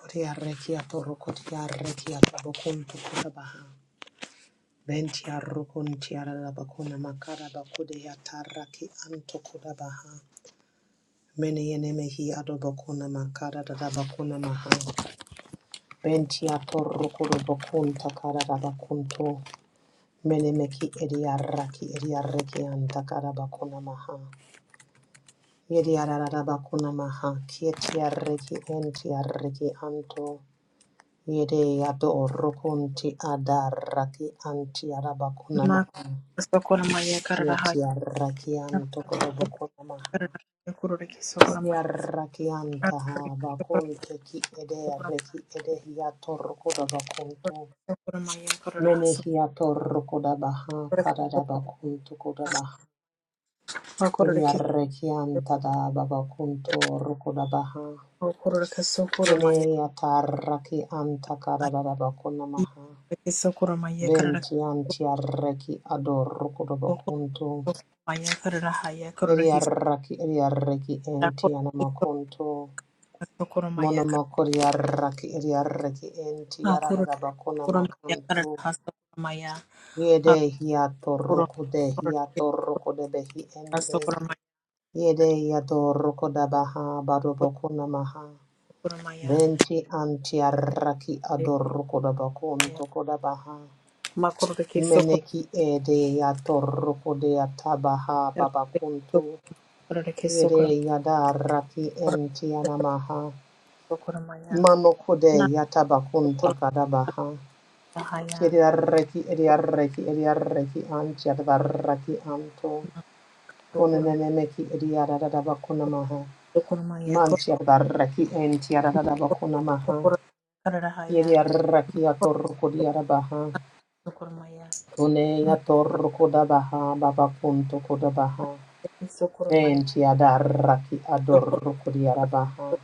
Potia rekia toro kotia rekia tabokun tukuta baha. Ventia rukun tiara la makara bakude ya taraki antokuda baha. Mene yene mehi makara da da bakuna maha. Ventia toro kudo bakun takara da bakunto. Mene meki edia raki edia reki antakara bakuna maha. Yedia da da bakuna maha. Kietia reki entia reki anto. Yede yato rokunti adaraki anti Ma arabakunamaha. sokora maya karara Yeti haya. araki Na anto sokora korobokunamaha. karara haya kurore ki sokora Yede maya. araki Na kurore antaha ki sokora bakunte ki ede sokora reki ede hiato rokodabakunto. sokora maya karara ha Mene sokora hiato rokodabaha ki sokora karadabakunto kodabaha. ma kurore Yede ki araki antada babakunto rokodabaha. sokora kurore ki sokora Yene maya yataraki anta haya. Ma karadabakunamaha. kurore ki sokora maya karara Benti anti sokora arreki ador kodobokuntu. sokora maya karara hai Ya kurore Yeri hi arraki eri arreki na enti kurore ki sokora anamakuntu. sokora maya karara Monomokori arraki eri arreki enti ha kurore aradabakuna sokora maya makuntu. karara ha sokora maya ha Yede hiato kurore rukude kurore ki hiato sokora rukude behi ente. sokora Yede hiato rukodabaha maya badobokuna maha. sokora maya. Benti anti arraki ador kodobokuntu kodabaha. Makorre que socorro, Meneki ede ya toroko de ya tabaha babakuntu. socorro que socorro, ede ya da raki enti de anamaha. socorro maya. Manoko de Na ya tabakunta socorro kadabaha. haya, Kiri arreki edi arreki edi arreki anti adabarraki anto. socorro Konenemeki edi adadabakunamaha. socorro maya, socorro Manti ya da raki enti ya adadabakunamaha. socorro karara haya, Yede arreki ya raki ya toroko de ya da baha socorro maya. Kone ya Na toroko dabaha babakunto kodabaha. socorro maya, Venti adarraki adorruku di arabaha.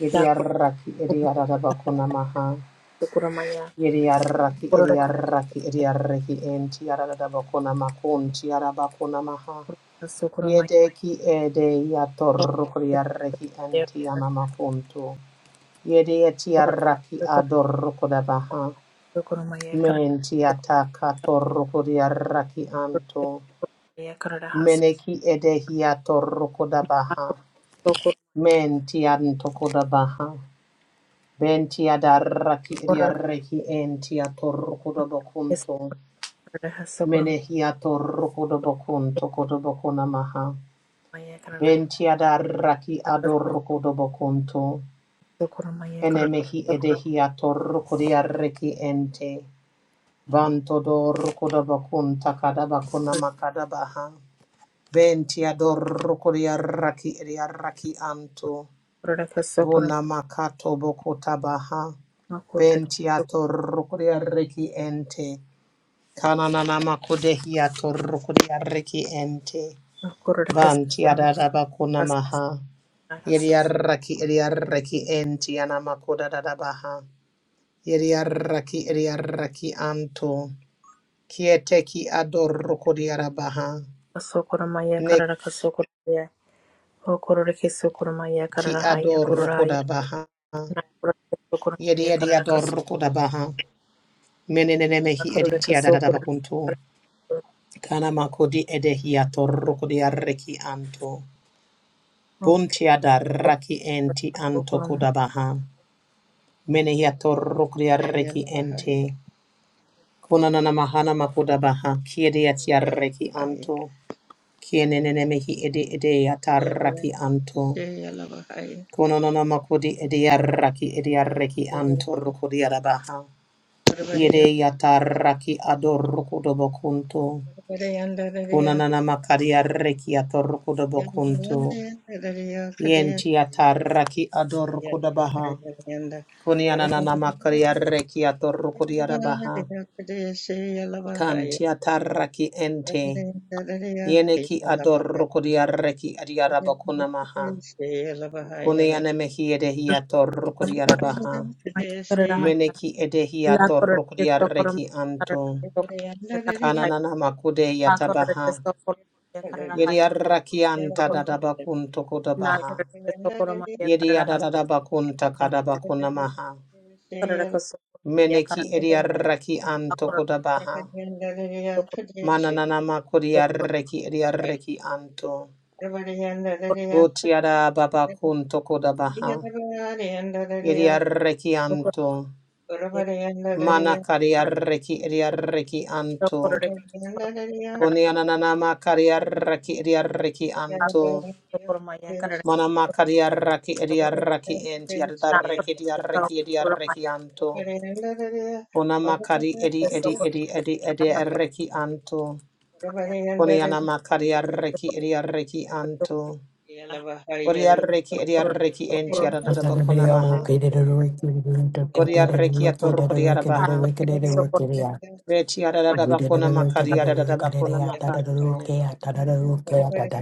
Yedi da arraki edi adarabakuna maha. socorro maya, Yedi arraki edi socorro arraki edi arraki enti adarabakuna makunti arabakuna maha. que socorro maya, Yedeki ede yatorruku di arraki socorro enti anamakuntu. Yedi eti arraki socorro adorruku da baha. socorro maya, karara Menti socorro ataka torruku di arraki que anto. socorro maya, karara has. Meneki edehi atorruku da baha. Men tian tokoda baha. Ben tia darraki Socorro riarreki en tia torrokoda maya, socorro bakunto. Socorro, Menehia torrokoda bakunto koda bakuna maha. la corona Ben tia darraki que adorrokoda bakunto. socorro, la corona Enemehi edehia torrokodiarreki ente. Banto dorrokoda bakunta kada bakuna makada baha. Ben tia dorrokodiarraki riarraki anto. que Bunamakato Bokotabaha. Bentiato Rukuria Reki Ente. Kanananamakudehiato Rukuria Reki Ente. Vantiadadabakunamaha. socorro, Iriaraki Iriaraki Entianamakodadabaha. Iriaraki Iriaraki Anto. Kieteki Ador Rukuriarabaha. Neki Ador Rukudabaha. Yediador Rukudabaha. la Menenenemehi editia corona dadadabakunto. Kanamakodi edehia torukodi arreki anto. Buntia darraki enti anto kudabaha. Menehia torukodi arreki Shayla Bahaya, ente. Kunanana mahana makudabaha. Kiediatia Shayla arreki Bahaya, anto. Kienenenemehi edi edea Shayla tarraki anto. Shayla Bahaya, Kunanana makodi ediarraki ediarreki Shayla anto Bahaya, rukodi arabaha. Parvariya Yedeya tarraki Bahaya, adorukudobokunto. Parvariyandariya, Kunanana makaria reki atorokoda bokunto. Yandariya Kadeya, Yenti ataraki Shayla adorokoda baha. Bahaya, Yanda, Kunianana makaria reki atorokoda baha. Parvariyandariya Kadeya, Shayla Bahaya, Kanti ataraki ente. Parvariyandariya, Yeneki Shayla Bahaya, adorokoda reki adiara bokuna Parvariyandariya, maha. Shayla Bahaya, Kuniana mehi edehi atorokoda baha. Meneki edehi atorokoda reki anto. Kananana makude Hakorete yatabaha. sokoro ya karara Yeri haya koro arraki anta sokoro dadabakunto na kodabaha. karete sokoro ma ya karara haso ya Yediadadadabakunta karara haso kadabakunamaha. karara ko sokoro ya na, Meneki ediarreki Everybody anto hakorete kodabaha. sokoro sokoro Manananama sokoro kodiarreki ediarreki anto. Votiada babakunto kodabaha. Yediarreki sokoro anto. ya sokoro Mana karara kadiarreki ediarreki sokoro anto. re sokoro karara ko Oniananama kadiarreki ediarreki Yeah. anto. hakorete sokoro ma ya karara Manama kadiarreki sokoro ediarreki enti. na Yadarreki karete ediarreki sokoro ma ediarreki anto. Kona makari edi ya edi sokoro edi ma ya edi edi karara haso arreki anto. ma ya Koniana makari arreki sokoro edi ma arreki ya anto. Bori arreki edi sokoro arreki sokoro enti ma ya After aradadaba the karara kona maha. video. Okay, Bori arreki atoroko di arabaha. Veti haso aradadaba kona makari aradadaba kona makanto.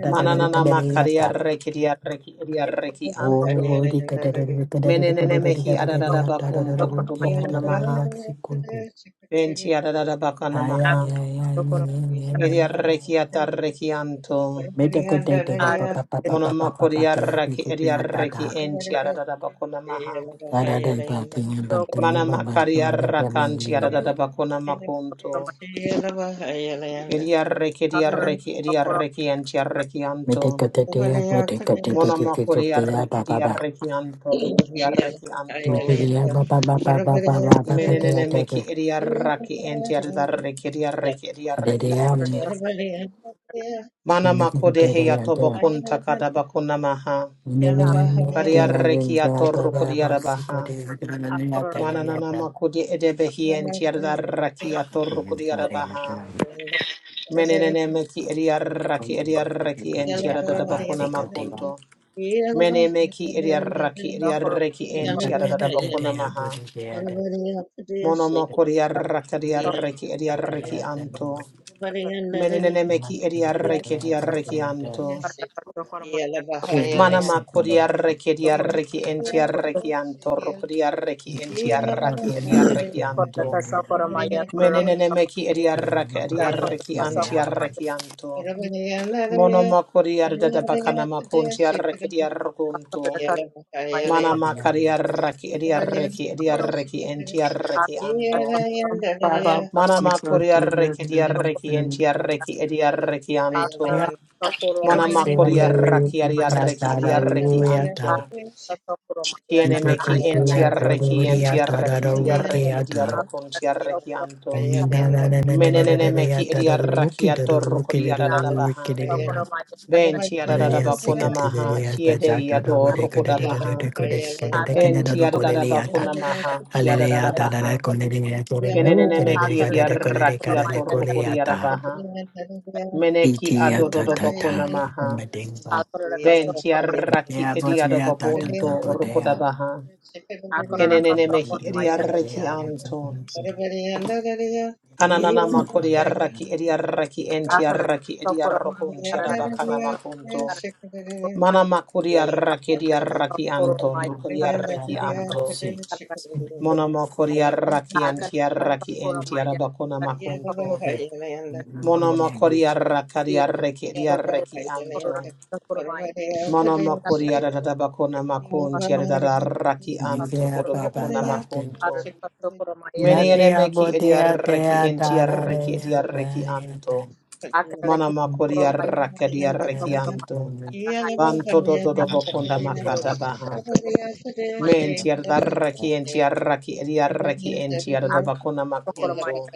Mananana makari arreki di arreki edi Thank arreki anto. Menenene mehi aradadaba kunto kutubo kona maha. Venti aradadaba Yeah. kona maha. Edi arreki atarreki anto. Meta Monomokori arraki ediarreki enti adadada bakuna maha. Mana makari arrakanti adadada bakuna makunto. Ediarreki ediarreki ediarreki enti arreki anto. Cleanse Monomokori arreki ediarreki anto rukodi arreki anto. Menenene meki ediarraki enti adadarreki ediarreki ediarreki ente. Mana makode heya tobokunta kada bakuna maha. Yeah, Bariarreki atorukodi arabaha. Mananana makudi edebehi enti adaraki atorukudi arabaha. Menenene meki ediaraki ediaraki enti adadabakuna makunto. Mene meki ediaraki ediaraki enti adadabakuna maha. Monomokuri araka diaraki ediaraki anto. Menenene meki ediaraki ediaraki anto. Mana makuri araki ediaraki enti araki anto. Rukudi araki enti Baba, araki ediaraki anto. Yeah. Menenene meki ediarraki ediarraki antiarraki anto. Mono makori ardada bakana makunti arraki diarrukunto. Mana you. makari arraki ediarraki Akara ediarraki antiarraki anto. Mana see for makori arraki ediarraki antiarraki ediarraki anto. Yeah. Mana makori arraki ediarraki ediarraki anto. Tiene meki antiarraki antiarraki ediarraki ediarrukunti arraki anto. Menenene meki idiaraki atoroko diaradabaha. Venti Yeah. adadabakuna maha, kiede yadoroko dabaha. Venti adadabakuna maha, Hallelujah, da da da, kiadadabaha. kolereya, kolereya, Yenenene mehi kolereya, da da, kolereya, idiaraki da da, atoroko kolereya, da. diarabaha. Meneki Itiya, ta ta adododobakuna ta, maha. madinga. Akorora Venti kasokoromaya, araki Yeah, but yeah, ta ta kasokoromaya, ta, idiadabakunto go roko there. kasokoromaya. dabaha. Akorora Yeah, do Yenenene do do mehi do, kasokoromaya, do idiaraki there. I'm so anto. good, so kasokoromaya. good, Kananana so makori good. arraki edi arraki enti Akorora arraki edi kasokoromaya, arrokunti karara arabakana kasokoromaya, makunto. karara kasokoromaya. Mana makori arraki edi Akorora arraki anto, kasokoromaya, I'm rukori karara gonna try to arraki run a kasokoromaya, anto. bus. karara kasokoromaya. Mono Yeah. makori arraki Akorora anti arraki enti kasokoromaya, arabakona karara makunto. kasokoromaya, karara Mono kasokoromaya. makori arrakari Yekarara arraki edi kasokoromaya, korora arraki kasokoromaya, karara anto. kasokoromaya, karara kasokoromaya, Mono makori arabakona makunti arraki anto Yeah, kasokoromaya. ba ba kodobokona ba. Thank makunto. Meni Matea, enemeki edi botea, arraki tea, enti ta da da, arraki edi arraki anto. Mana makoria rakadia da da rekianto. da. Banto do do do Thank bokonda makata baha. Menti ardarraki enti arraki ediarraki enti arabakona makunto.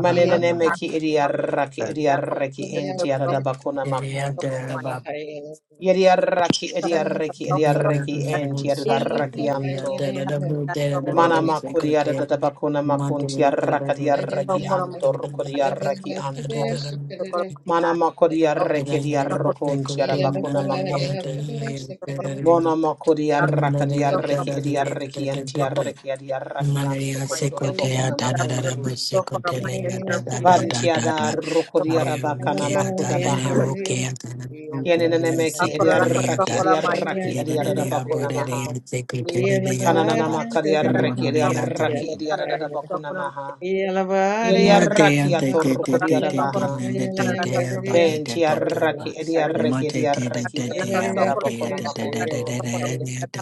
Yeah. Manenene meki ediarraki ediarraki enti arabakona you. makunto. Yediarraki ediarraki ediarraki enti ardarraki anto. Mana makoria da da bakona makunti arrakadiarraki anto rokodiarraki anto. Mana makodia rekedia you. rokontia bakuna Akora makuntu. Mona makodia rakadia reki edia reki antia reki edia raki anto Malaria kododo secotea bakuna da da da da makuntu. secotelea da da da da Bantia da da da rokodia bakana Ayurukea da makuda lere baha. rukea da da Kienene rukea meki edia secotelea raki da edia Yeah. raki edia da lidadea bakuna bodadea maha. secotelea Kananana baba makadia reki edia bodadea da raki edia da bakuna maha. Edia Matea raki te ato te te rokodia te te te baha. lele te te aba te te Venti te te aba arraki edi arreki edi Mate te te arreki te te enti aba te arabakona te te te te makunto. te te te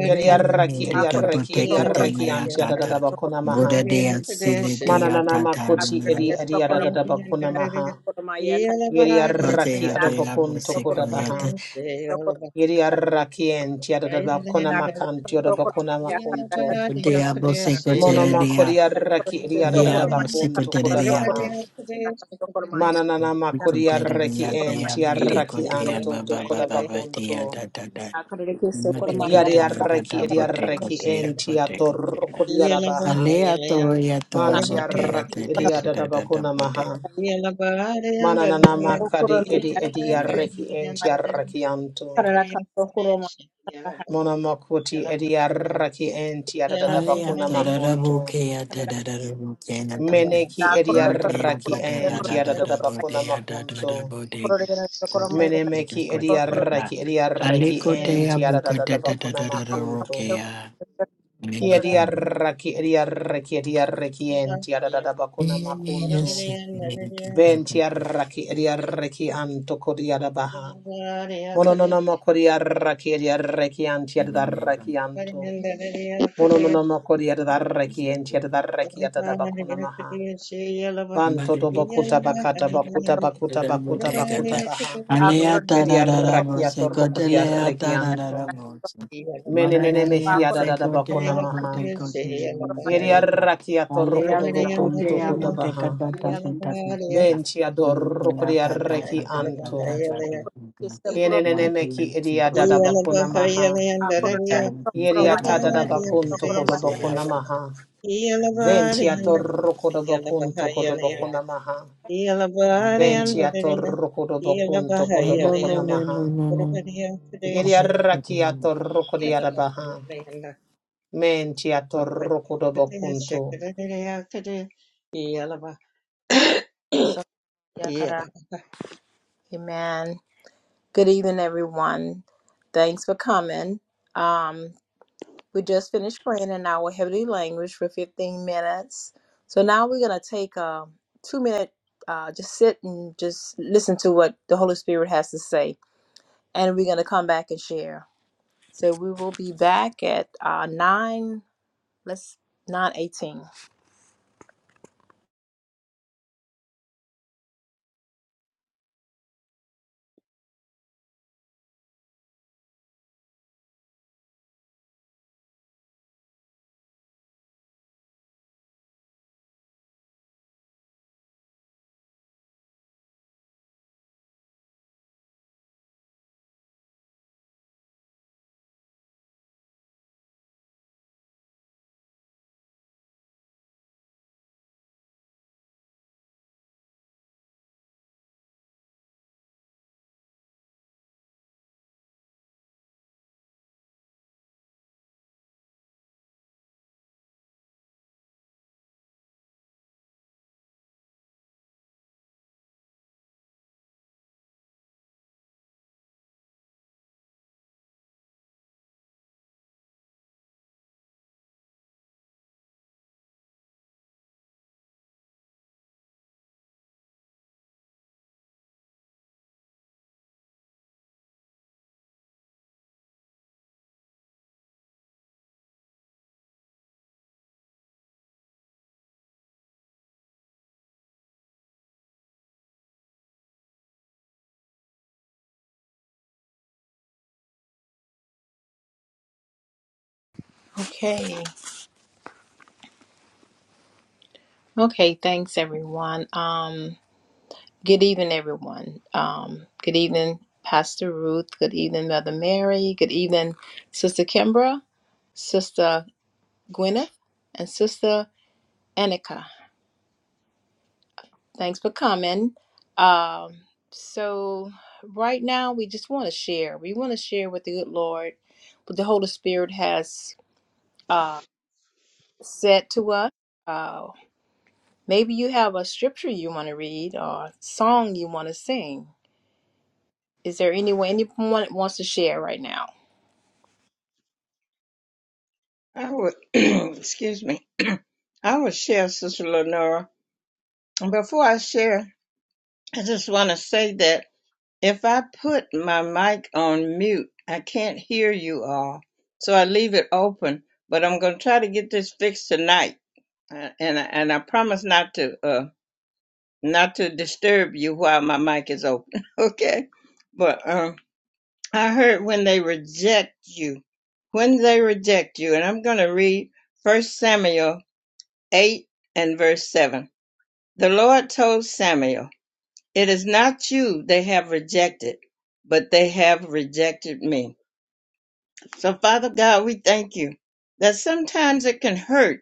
Edi arraki edi arreki edi arreki anti adadabakona maha. Mananana makuti edi akareka edi sokoro adadabakona maya, maha. sokoro maya kana Edi arraki nakareka adabakunto sokoro maya, kodabaha. Edi arraki enti adadabakona Nakaraka makanti sokoro adabakona maya kana makunto. Yeah, Mono makodi nakareka arraki edi sokoro maya adadabakunto kareka sokoro kodabaha. maya kana sokoro maya Mananana makodi kareka arreki sokoro maya enti kareka arraki sokoro anto dokodabakunto. maya nakareka sokoro maya kareka sokoro maya nakareka sokoro maya kareka Yadiaraki sokoro Ediaraki maya nakareka sokoro Entiatoroko maya Diarabaha. Alea to ya to kareka sokoro maya bote ya te Mantiaraki te te te te te Ediadabakuna bote. Maha. Manananamakadi Sokoroma Edi yakarara Ediaraki Entiarakianto. yakarara ka sokoroma yakarara Monomokuti Ediaraki Alea Entiadabakuna da da da Makunto. bukea da yakarara da da da bukea da da da. da Meneki korora ka Matea Ediaraki da sokoroma da da yakarara da da da sokoroma Entiadabakuna yakarara bodea da da da Makunto. bodega korora da sokoroma da yakarara da Menemeki bodega da. Ediaraki Ediaraki Aliko dea buka da da da Entiadabakuna da da da Makunto. rokea. Kia Nengi kong. diarraki ediarraki ediarraki enti adadada bakuna Yes, makuntu. yes, yes. Nengi kong da da Venti da. arraki Everybody ediarraki anto kodiada baha. Monononoma kodiarraki ediarraki anti Nengi adarraki anto. Monononoma kodiadarraki enti kong. adarraki atada bakuna maha. Alea Banto do bakuta bakata bakuta sokoroma bakuta bakuta bakuta baha. akorora ta da da da sokoroma bo Vediarraki se ko atorroko te lea diarraki ta da da anto. da yakarara bo se. Mara Menenene da mehi dea akorora sokoroma se adadada ko te bakuna a Yeah. bo maha. yakarara te ko te mo te Yeri lea ta. arraki atorro Alea se kodobo ko kunto Yeriarraki atorrokodobocunto te a mo te ka cotabaha. ta ta ta ta ta ta ta. Venti Mo te lea ta ta ta ta adorrocodiarreki ta ta anto. ta ta ta sokoroma ta. sokoroma Yenenene Mo te lea meki Kienenemeki se ko lea ta ediadadabacuna ta ta. kunto akorora Mo te lea se ko sokoroma ta bo te te te yakarara Yeriatadadabacunto te te sokoroma te a codobocuna bo te. maha. Mo te lea ta Venti ta ta ta atorrocodobocunto ta ta ta. codobocuna maha. Lenora, Venti atorrocodobocunto codobocuna maha. Yeriarraki atorrocodiarabaha. Menti atorro kodobo kunto. yakarara yakarara amen Good evening, everyone. Thanks for coming. Um, we just finished praying in our heavenly language for 15 minutes. So now we're going to take a two minute, uh, just sit and just listen to what the Holy Spirit has to say. And we're going to come back and share. So we will be back at uh, 9, let's 9.18. Okay. Okay, thanks everyone. Um, Good evening, everyone. Um, good evening, Pastor Ruth. Good evening, Mother Mary. Good evening, Sister Kimbra, Sister Gwyneth, and Sister Annika. Thanks for coming. Um, so, right now, we just want to share. We want to share with the good Lord what the Holy Spirit has uh, said to us. Uh, maybe you have a scripture you want to read or a song you want to sing. Is there anyone anyone wants to share right now? I would, excuse me, I would share, Sister Lenora. And before I share, I just want to say that if I put my mic on mute, I can't hear you all. So I leave it open, but I'm going to try to get this fixed tonight. Uh, And, I- and I promise not to, uh, not to disturb you while my mic is open. okay. But, um, I heard when they reject you, when they reject you, and I'm going to read First Samuel 8 and verse 7. The Lord told Samuel, It is not you they have rejected, but they have rejected me. So, Father God, we thank you that sometimes it can hurt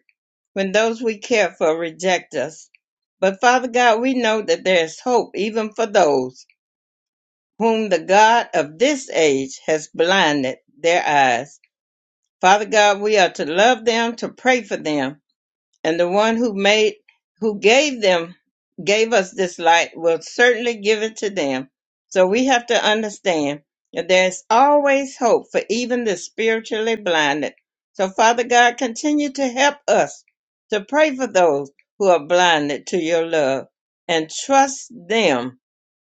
when those we care for reject us. But, Father God, we know that there is hope even for those whom the God of this age has blinded their eyes. Father God, we are to love them, to pray for them, and the one who made who gave them gave us this light will certainly give it to them so we have to understand that there's always hope for even the spiritually blinded so father god continue to help us to pray for those who are blinded to your love and trust them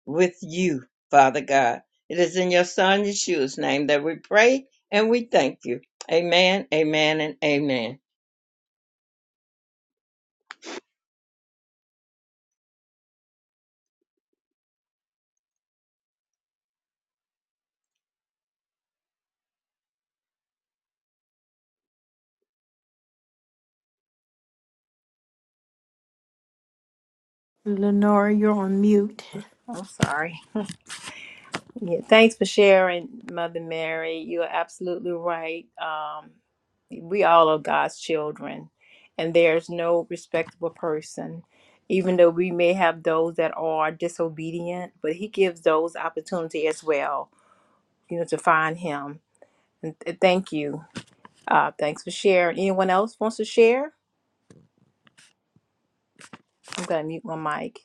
with you, Father God. It is in your Son Yeshua's name that we pray and we thank you. Amen, amen, and amen. you're on mute. I'm sorry. Yeah, thanks for sharing, Mother Mary. You're absolutely right. Um, we all are God's children, and there's no respectable person, even though we may have those that are disobedient, but He gives those opportunity as well, you know, to find Him. And th- thank you. Uh, thanks for sharing. Anyone else wants to share? I'm going to mute my mic.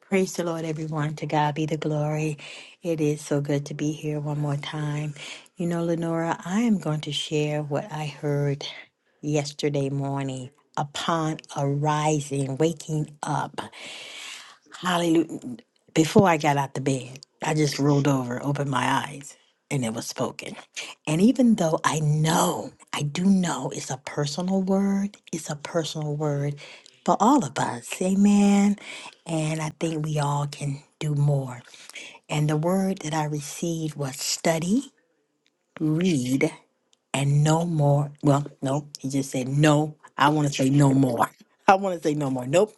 Praise the Lord, everyone. To God be the glory. It is so good to be here one more time. You know, Lenora, I am going to share what I heard yesterday morning upon arising, waking up. Hallelujah. Before I got out the bed, I just rolled over, opened my eyes, and it was spoken. And even though I know, I do know it's a personal word, it's a personal word for all of us. Amen. And I think we all can do more. And the word that I received was study, read, and no more. Well, no, he just said no. I want to say no more. I want to say no more. Nope.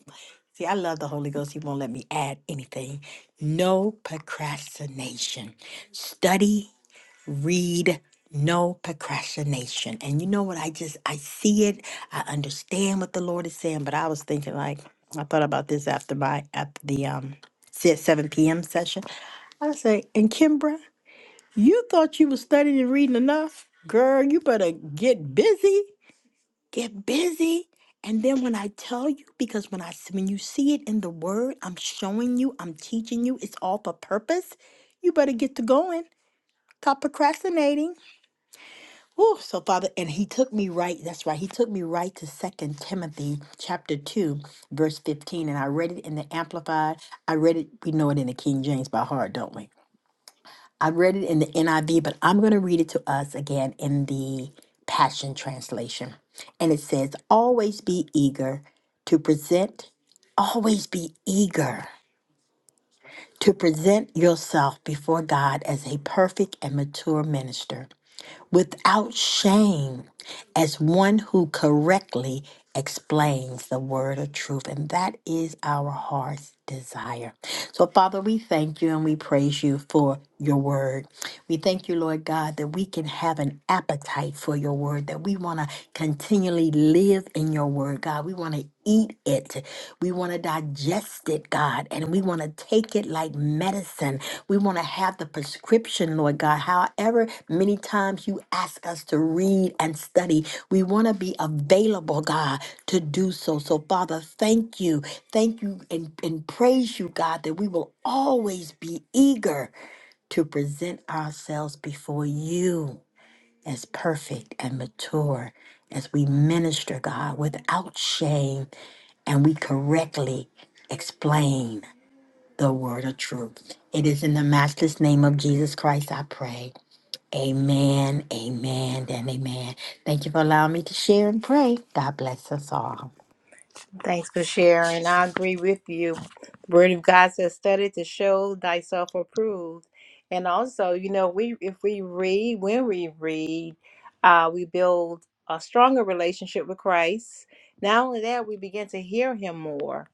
See, I love the Holy Ghost. He won't let me add anything. No procrastination. Study, read, no procrastination. And you know what? I just, I see it. I understand what the Lord is saying, but I was thinking like, I thought about this after my, after the, um, se- 7 p.m. session. I say, and Kimbra, you thought you was studying and reading enough? Girl, you better get busy. Get busy. And then when I tell you, because when I s- when you see it in the word, I'm showing you, I'm teaching you, it's all for purpose. You better get to going. Stop procrastinating. Oh, so Father, and he took me right. That's right. He took me right to Second Timothy chapter two, verse fifteen, and I read it in the Amplified. I read it. We know it in the King James by heart, don't we? I read it in the NIV, but I'm going to read it to us again in the Passion Translation. And it says, Always be eager to present, always be eager to present yourself before God as a perfect and mature minister without shame as one who correctly explains the word of truth. And that is our heart's desire. So, Father, we thank you and we praise you for your word. We thank you, Lord God, that we can have an appetite for your word, that we want to continually live in your word, God. We want to eat it. We want to digest it, God, and we want to take it like medicine we want to have the prescription, Lord God. However, many times you ask us to read and study, we want to be available, God, to do so. So, Father, thank you. Thank you and, and praise you, God, that we will always be eager to present ourselves before you as perfect and mature as we minister, God, without shame and we correctly explain the word of truth. It is in the matchless name of Jesus Christ I pray. Amen, amen, and amen. Thank you for allowing me to share and pray. God bless us all. Thanks for sharing. I agree with you. The word of God says, study to show thyself approved. And also, you know, we if we read, when we read, uh, we build a stronger relationship with Christ. Not only that, we begin to hear him more.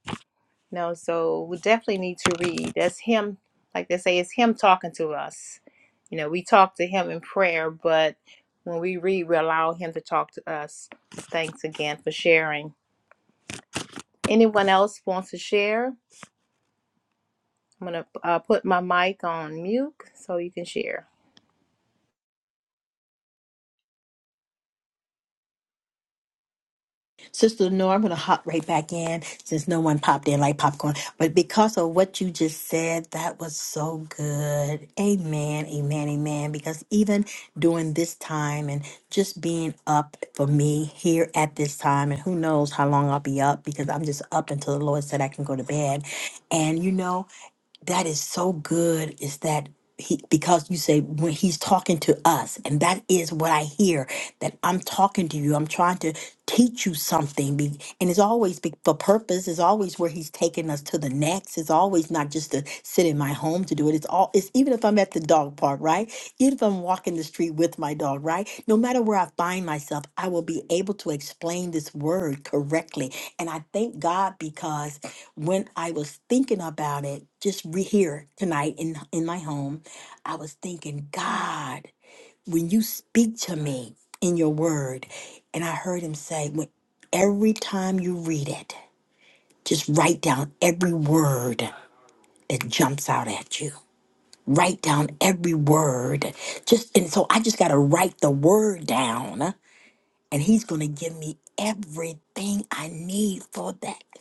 You know, so we definitely need to read. That's him, like they say, it's him talking to us. You know, we talk to him in prayer, but when we read, we allow him to talk to us. Thanks again for sharing. Anyone else wants to share? I'm going to uh, put my mic on mute so you can share. Sister Lenore, I'm going to hop right back in since no one popped in like popcorn. But because of what you just said, that was so good. Amen, amen, amen. Because even during this time and just being up for me here at this time, and who knows how long I'll be up because I'm just up until the Lord said I can go to bed. And you know, that is so good is that he because you say when he's talking to us and that is what i hear that i'm talking to you i'm trying to teach you something be- and it's always be- for purpose it's always where he's taking us to the next it's always not just to sit in my home to do it it's all it's even if i'm at the dog park right even if i'm walking the street with my dog right no matter where i find myself i will be able to explain this word correctly and i thank god because when I was thinking about it, just re- here tonight in in my home, I was thinking, God, when you speak to me in your word, and I heard him say, when every time you read it, just write down every word that jumps out at you. Write down every word. Just and so I just gotta write the word down, and he's gonna give me everything I need for that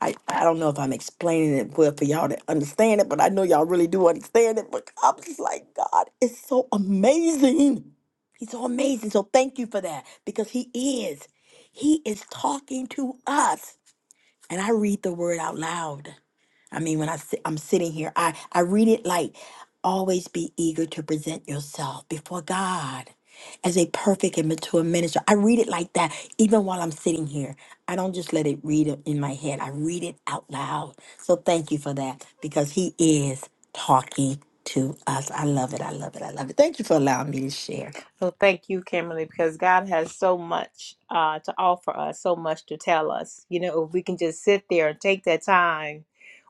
I, I don't know if I'm explaining it well for y'all to understand it, but I know y'all really do understand it. But I'm just like, God, it's so amazing. He's so amazing. So thank you for that because He is. He is talking to us. And I read the word out loud. I mean, when I sit, I'm sitting here, I, I read it like always be eager to present yourself before God as a perfect and mature minister. I read it like that even while I'm sitting here. I don't just let it read it in my head, I read it out loud. So thank you for that because He is talking to us. I love it. I love it. I love it. Thank you for allowing me to share. So thank you, Kimberly, because God has so much uh, to offer us, so much to tell us. You know, if we can just sit there and take that time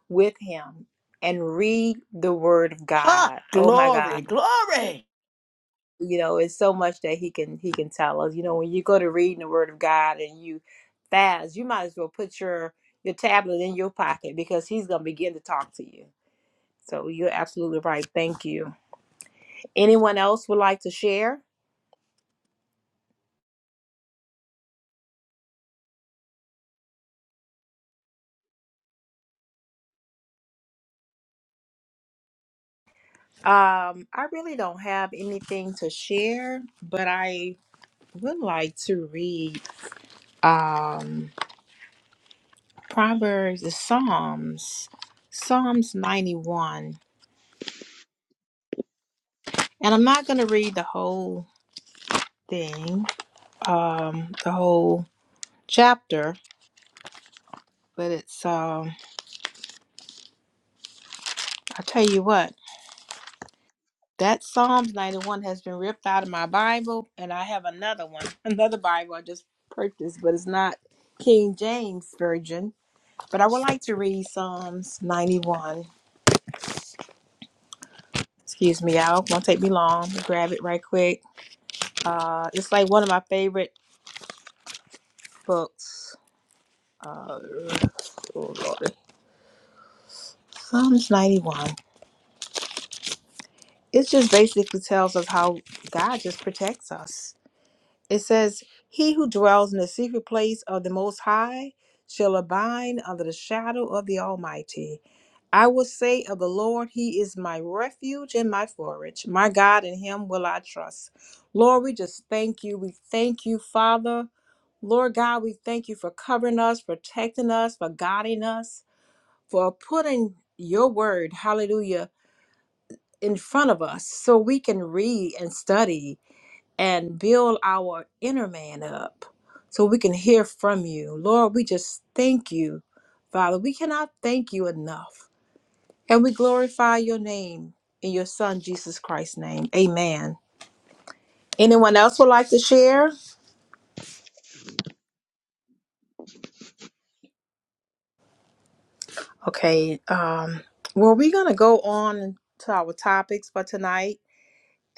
with Him and read the Word of Ha! God. Oh my God, Glory, glory. you know, it's so much that He can He can tell us. You know, when you go to reading the Word of God and you fast, you might as well put your your tablet in your pocket because He's going to begin to talk to you. So you're absolutely right. Thank you. Anyone else would like to share? Um, I really don't have anything to share, but I would like to read um Proverbs, the Psalms, Psalms 91. And I'm not going to read the whole thing, um, the whole chapter, but it's um I'll tell you what. That Psalms 91 has been ripped out of my Bible, and I have another one, another Bible I just purchased, but it's not King James Version. But I would like to read Psalms 91. Excuse me, y'all. It Won't take me long. Grab it right quick. Uh, it's like one of my favorite books. Uh, oh Lord. Psalms 91. It just basically tells us how God just protects us. It says, He who dwells in the secret place of the Most High shall abide under the shadow of the Almighty. I will say of the Lord, He is my refuge and my forage. My God, in Him will I trust. Lord, we just thank you. We thank you, Father. Lord God, we thank you for covering us, protecting us, for guiding us, for putting your word, hallelujah, in front of us so we can read and study and build our inner man up so we can hear from you. Lord, we just thank you, Father. We cannot thank you enough. And we glorify your name in your son Jesus Christ's name. Amen. Anyone else would like to share? Okay, um well we're going to go on to our topics for tonight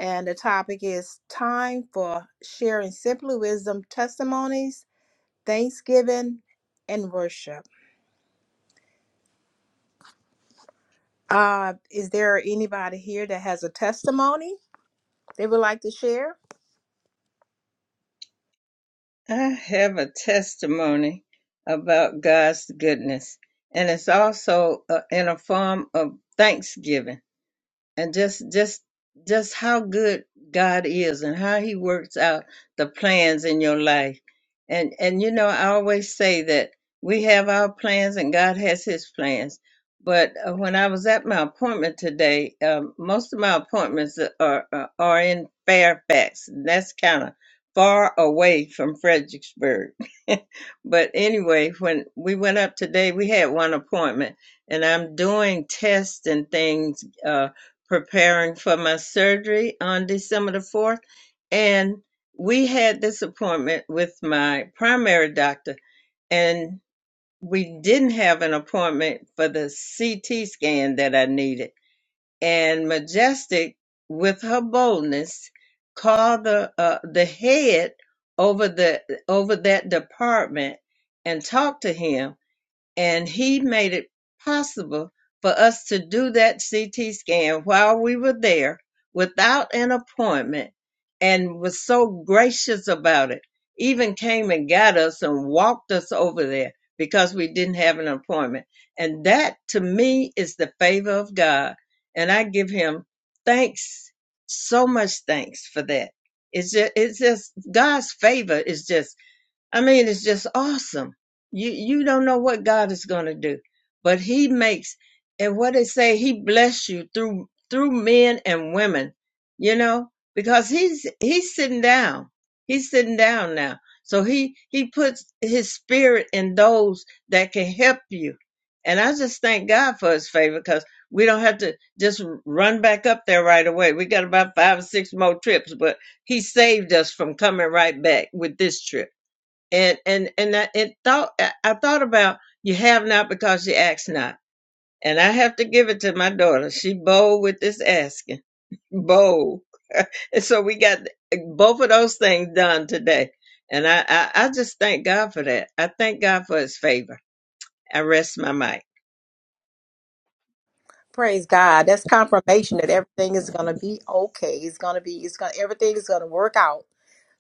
and the topic is time for sharing simply wisdom testimonies, thanksgiving and worship. Uh, is there anybody here that has a testimony they would like to share? I have a testimony about God's goodness, and it's also uh, in a form of thanksgiving and just just just how good God is and how he works out the plans in your life. And and you know I always say that we have our plans and God has his plans. But uh, when I was at my appointment today, um, most of my appointments are are, are in Fairfax. That's kind of far away from Fredericksburg. but anyway, when we went up today, we had one appointment and I'm doing tests and things uh, preparing for my surgery on December the 4th. And we had this appointment with my primary doctor, and we didn't have an appointment for the CT scan that I needed. And Majestic, with her boldness, called the uh, the head over the over that department and talked to him and he made it possible for us to do that CT scan while we were there without an appointment and was so gracious about it. Even came and got us and walked us over there because we didn't have an appointment. And that to me is the favor of God. And I give him thanks, so much thanks for that. It's just, it's just God's favor is just I mean, it's just awesome. You you don't know what God is going to do, but He makes and what they say He bless you through through men and women, you know, because He's He's sitting down. He's sitting down now, so He He puts His spirit in those that can help you. And I just thank God for His favor because we don't have to just run back up there right away. We got about five or six more trips, but He saved us from coming right back with this trip and and and I it thought I I thought about you have not because you ask not, and I have to give it to my daughter. She bold with this asking, bold, and so we got both of those things done today, and I I, I just thank God for that. I thank God for His favor. I rest my mic. Praise God. That's confirmation that everything is going to be okay. It's going to be, it's going to, everything is going to work out,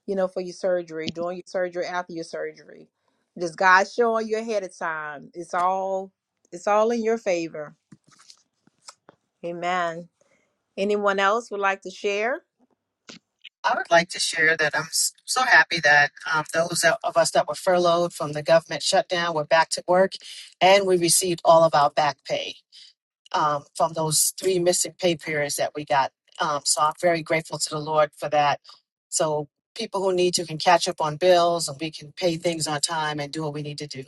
you know, for your surgery, during your surgery, after your surgery. Just God showing you ahead of time. It's all, it's all in your favor. Amen. Anyone else would like to share? I would like to share that I'm s- so happy that um, those that- of us that were furloughed from the government shutdown were back to work, and we received all of our back pay um, from those three missing pay periods that we got. Um, so I'm very grateful to the Lord for that. So people who need to can catch up on bills, and we can pay things on time and do what we need to do.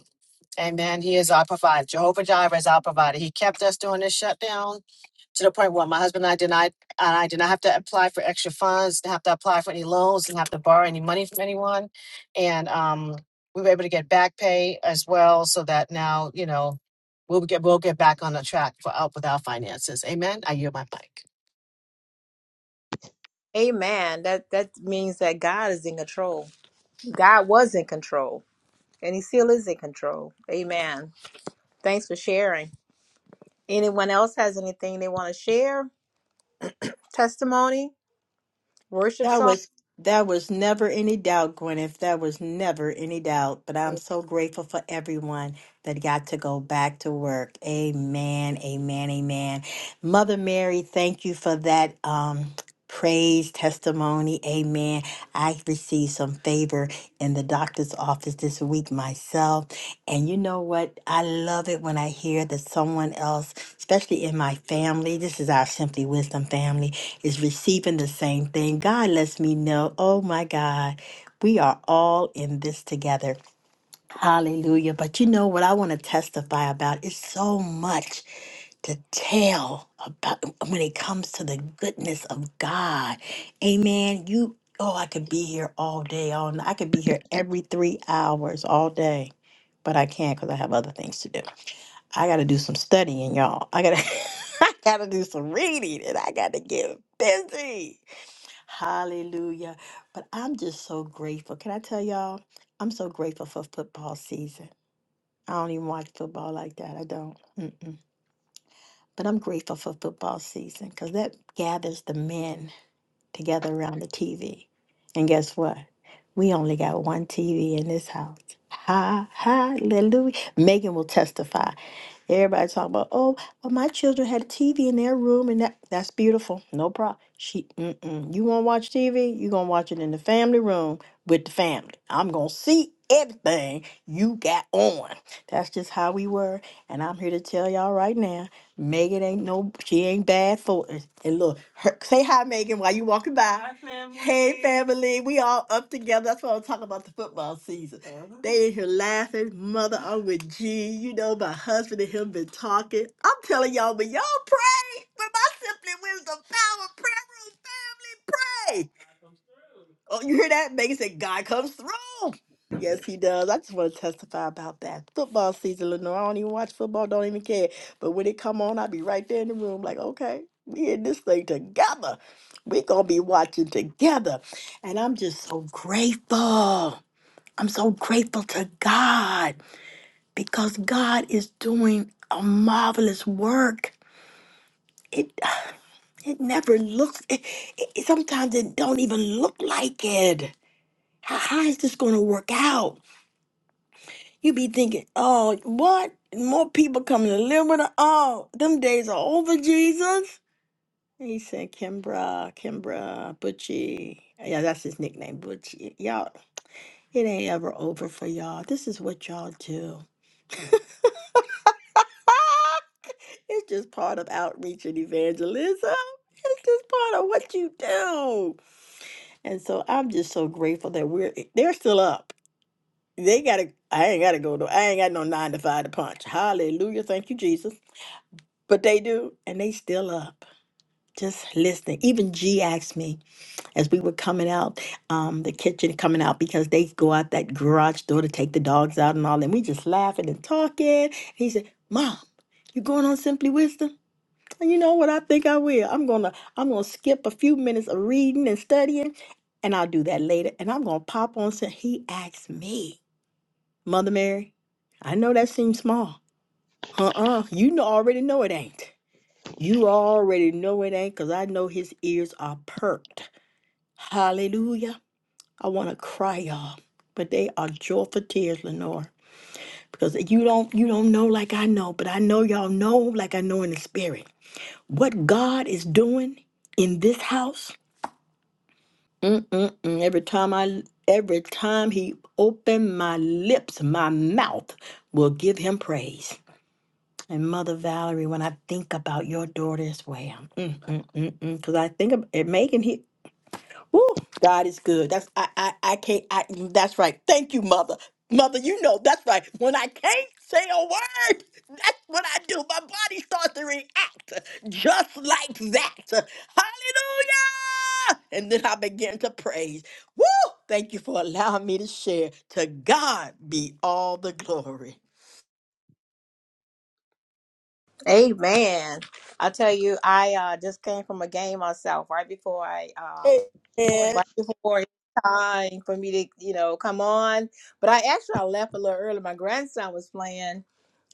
Amen. He is our provider. Jehovah Jireh is our provider. He kept us during this shutdown to the point where my husband and I did not, and I did not have to apply for extra funds, didn't have to apply for any loans, didn't have to borrow any money from anyone. And um, we were able to get back pay as well, so that now you know we'll get we'll get back on the track for out with our finances. Amen. I yield my mic. Amen. That, that means that God is in control. God was in control and he still is in control. Amen. Thanks for sharing. Anyone else has anything they want to share? Testimony, worship That song. was that was never any doubt, Gwyneth. That was never any doubt. But I'm so grateful for everyone that got to go back to work. Amen. Amen. Amen. Mother Mary, thank you for that um praise testimony. Amen. I received some favor in the doctor's office this week myself. And you know what? I love it when I hear that someone else, especially in my family, this is our Simply Wisdom family, is receiving the same thing. God lets me know, oh my God, we are all in this together. Hallelujah. But you know what I want to testify about is so much to tell about when it comes to the goodness of God. Amen. You oh, I could be here all day, all night. I could be here every three hours all day. But I can't because I have other things to do. I gotta do some studying, y'all. I gotta I gotta do some reading and I gotta get busy. Hallelujah. But I'm just so grateful. Can I tell y'all? I'm so grateful for football season. I don't even watch football like that. I don't. Mm-mm. But I'm grateful for football season because that gathers the men together around the TV. And guess what? We only got one TV in this house. Ha, hallelujah. Megan will testify. Everybody talking about, oh, well, my children had a TV in their room, and that that's beautiful. No problem. She, mm-mm. you want to watch TV? you are going to watch it in the family room with the family. I'm going to see everything you got on. That's just how we were. And I'm here to tell y'all right now Megan ain't no, she ain't bad for it. And look, her, say hi, Megan, while you walking by. Hi, family. Hey, family. We all up together. That's what I'm talking about the football season. Mhm. They in here laughing. Mother, I'm with G. You know, my husband and him been talking. I'm telling y'all, but y'all pray. With my Simply Wisdom Power Prayer Room family, Oh, you hear that? Megan said, God comes through. Yes, he does. I just want to testify about that football season, Lenore. I don't even watch football, don't even care. But when it come on, I'll be right there in the room, like, okay, we in this thing together. we gonna be watching together. And I'm just so grateful. I'm so grateful to God because God is doing a marvelous work. It it never looks it, it sometimes it don't even look like it how how is this going to work out? You be thinking, oh, what? More people coming to live with us. Oh, them days are over, Jesus. And he said, Kimbra, Kimbra, Butchie. Yeah, that's his nickname, Butchie. Y'all, it ain't ever over for y'all. This is what y'all do. it's just part of outreach and evangelism. It's just part of what you do. And so I'm just so grateful that we're, they're still up. They gotta. I ain't gotta go to. I ain't got no nine to five to punch. Hallelujah. Thank you, Jesus. But they do, and they still up, just listening. Even G asked me as we were coming out, um, the kitchen coming out because they go out that garage door to take the dogs out and all, and we just laughing and talking. He said, "Mom, you going on Simply Wisdom?" And you know what? I think I will. I'm gonna. I'm gonna skip a few minutes of reading and studying, and I'll do that later. And I'm gonna pop on. Sim- He asked me. Mother Mary, I know that seems small. Uh-uh. You know, already know it ain't. You already know it ain't, because I know his ears are perked. Hallelujah. I want to cry, y'all. But they are joyful tears, Lenore. Because you don't you don't know like I know, but I know y'all know like I know in the spirit. What God is doing in this house. Mm-mm-mm. Every time I every time he opened my lips, my mouth will give him praise. And Mother Valerie, when I think about your daughter as well, because I think of it Megan. He, woo, God is good. That's I, I, I can't. I, that's right. Thank you, Mother. Mother, you know that's right. When I can't say a word, that's what I do. My body starts to react just like that. Hallelujah! And then I begin to praise. Woo! Thank you for allowing me to share. To God be all the glory. Amen. I tell you, I uh, just came from a game myself right before I, uh, Amen. right before it's time for me to, you know, come on. But I actually I left a little early. My grandson was playing,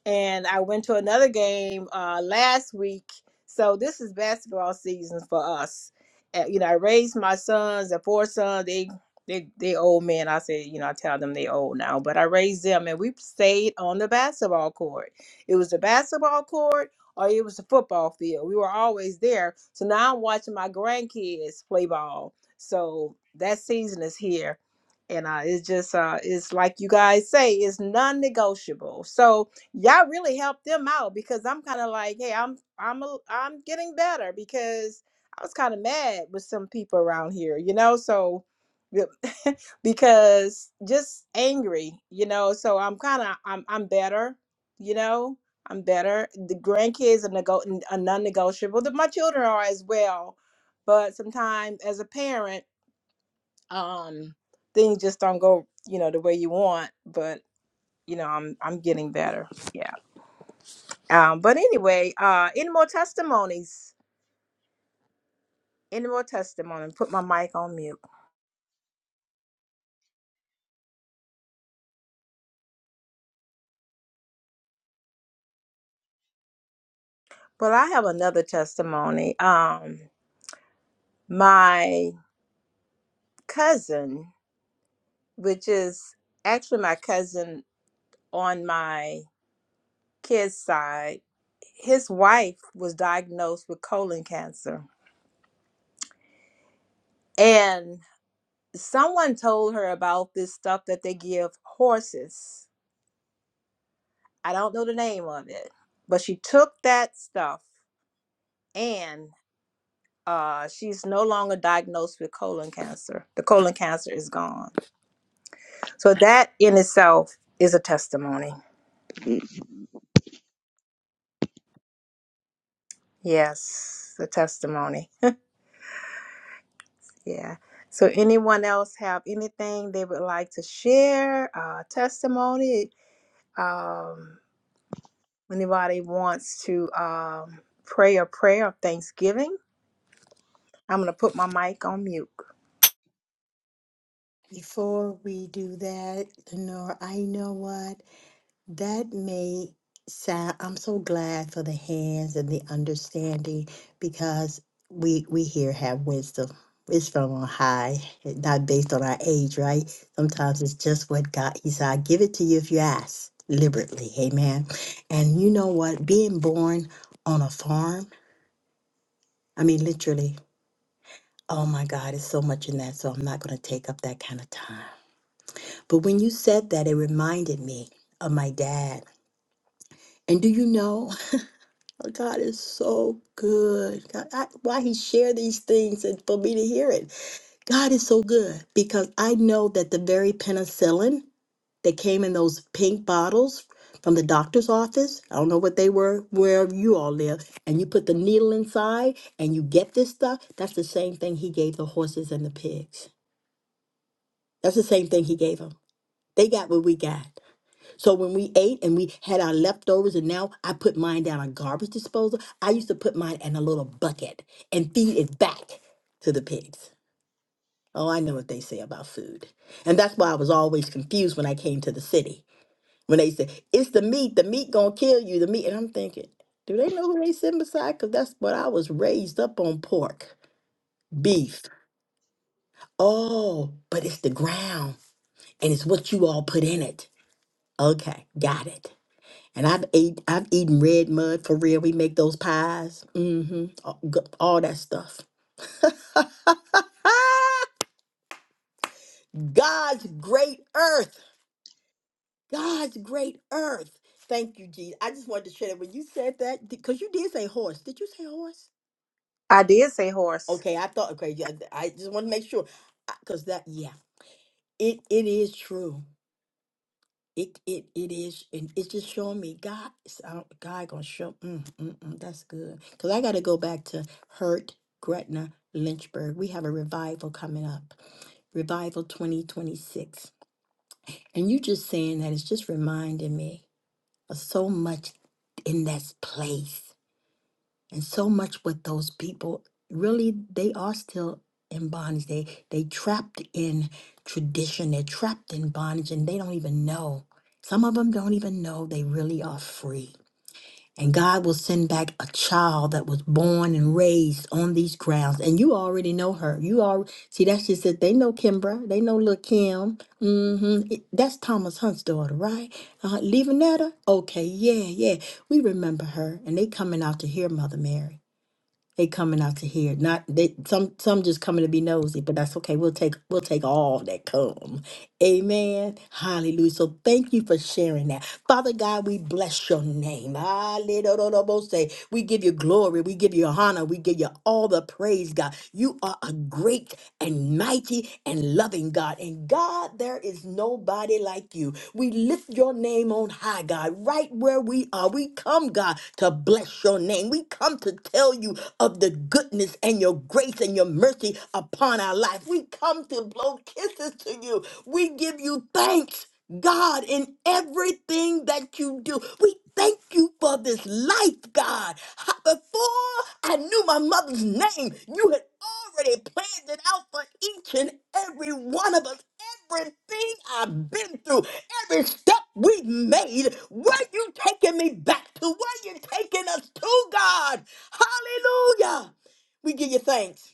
and I went to another game uh, last week. So this is basketball season for us. Uh, you know, I raised my sons, the four sons. They they they old men. I say, you know, I tell them they old now, but I raised them, and we stayed on the basketball court. It was the basketball court. Or it was the football field. We were always there. So now I'm watching my grandkids play ball. So that season is here, and uh, it's just uh, it's like you guys say, it's non-negotiable. So y'all really helped them out because I'm kind of like, hey, I'm I'm a, I'm getting better because I was kind of mad with some people around here, you know. So yeah, because just angry, you know. So I'm kind of I'm I'm better, you know. I'm better. The grandkids are, nego- n- are non-negotiable. The, my children are as well, but sometimes as a parent, um, things just don't go, you know, the way you want. But you know, I'm I'm getting better. yeah. Um, but anyway, uh, any more testimonies? Any more testimony? Put my mic on mute. Well, I have another testimony. Um, my cousin, which is actually my cousin on my kid's side, his wife was diagnosed with colon cancer. And someone told her about this stuff that they give horses. I don't know the name of it, but she took that stuff and. uh, she's no longer diagnosed with colon cancer. The colon cancer is gone. So that in itself is a testimony. Yes, a testimony. Yeah. So anyone else have anything they would like to share? Uh, testimony. Um, anybody wants to um, pray a prayer of thanksgiving? I'm gonna put my mic on mute. Before we do that, Lenore, I know what that may sound. I'm so glad for the hands and the understanding because we we here have wisdom. It's from on high, not based on our age, right? Sometimes it's just what God. He said, "I give it to you if you ask liberally." Amen. And you know what? Being born on a farm, I mean, literally. Oh my God, it's so much in that. So I'm not going to take up that kind of time. But when you said that, it reminded me of my dad. And do you know, God is so good. God, I, why he shared these things and for me to hear it. God is so good because I know that the very penicillin that came in those pink bottles from the doctor's office, I don't know what they were, wherever you all live, and you put the needle inside and you get this stuff, that's the same thing he gave the horses and the pigs. That's the same thing he gave them. They got what we got. So when we ate and we had our leftovers, and now I put mine down a garbage disposal, I used to put mine in a little bucket and feed it back to the pigs. Oh, I know what they say about food. And that's why I was always confused when I came to the city. When they said, it's the meat, the meat gonna kill you, the meat. And I'm thinking, do they know who they sitting beside? Because that's what I was raised up on pork, beef. Oh, but it's the ground and it's what you all put in it. Okay, got it. And I've ate, I've eaten red mud for real. We make those pies, mm-hmm, all, g- all that stuff. God's great earth, God's great earth. Thank you, Jesus. I just wanted to share that when you said that, because you did say horse. Did you say horse? I did say horse. Okay, I thought. Okay, yeah, I just want to make sure, because that, yeah, it it is true. It it it is, and it's just showing me God. it's- I don't- God gonna show. Mm, mm, mm, that's good. Cause I got to go back to Hurt, Gretna, Lynchburg. We have a revival coming up, Revival 2026, and you just saying that is just reminding me of so much in that place and so much with those people really they are still in bondage they they trapped in tradition they're trapped in bondage and they don't even know some of them don't even know they really are free and god will send back a child that was born and raised on these grounds and you already know her you all see that's just it they know kimbra they know little kim hmm that's thomas hunt's daughter right uh, leaving okay yeah yeah we remember her and they coming out to hear mother mary they coming out to hear. Not they some some just coming to be nosy, but that's okay. We'll take we'll take all that come. Amen. Hallelujah. So thank you for sharing that. Father God, we bless your name. Hallelujah. We give you glory. We give you honor. We give you all the praise, God. You are a great and mighty and loving God. And God, there is nobody like you. We lift your name on high, God, right where we are. We come, God, to bless your name. We come to tell you of the goodness and your grace and your mercy upon our life. We come to blow kisses to you we give you thanks, God, in everything that you do. We thank you for this life, God. Ha- Before I knew my mother's name, you had already planned it out for each and every one of us. Everything I've been through, every step we've made, where you taking me back to, where you taking us to, God. Hallelujah. We give you thanks.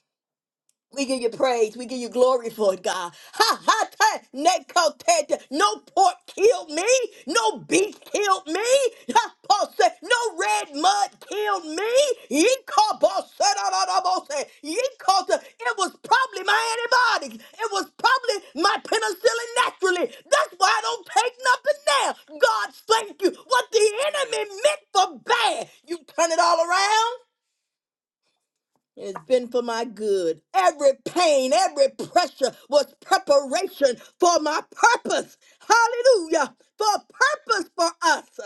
We give you praise. We give you glory for it, God. Ha ha ta neko te, te. No pork killed me. No beef killed me. Ha, Paul said, no red mud killed me. Ye call Paul said, "Ah, ah, ah," Paul said, "Ye call to-" It was probably my antibiotics. It was probably my penicillin naturally. That's why I don't take nothing now. God, thank you. What the enemy meant for bad, you turn it all around. It's been for my good. Every pain, every pressure was preparation for my purpose. Hallelujah. For a purpose for us.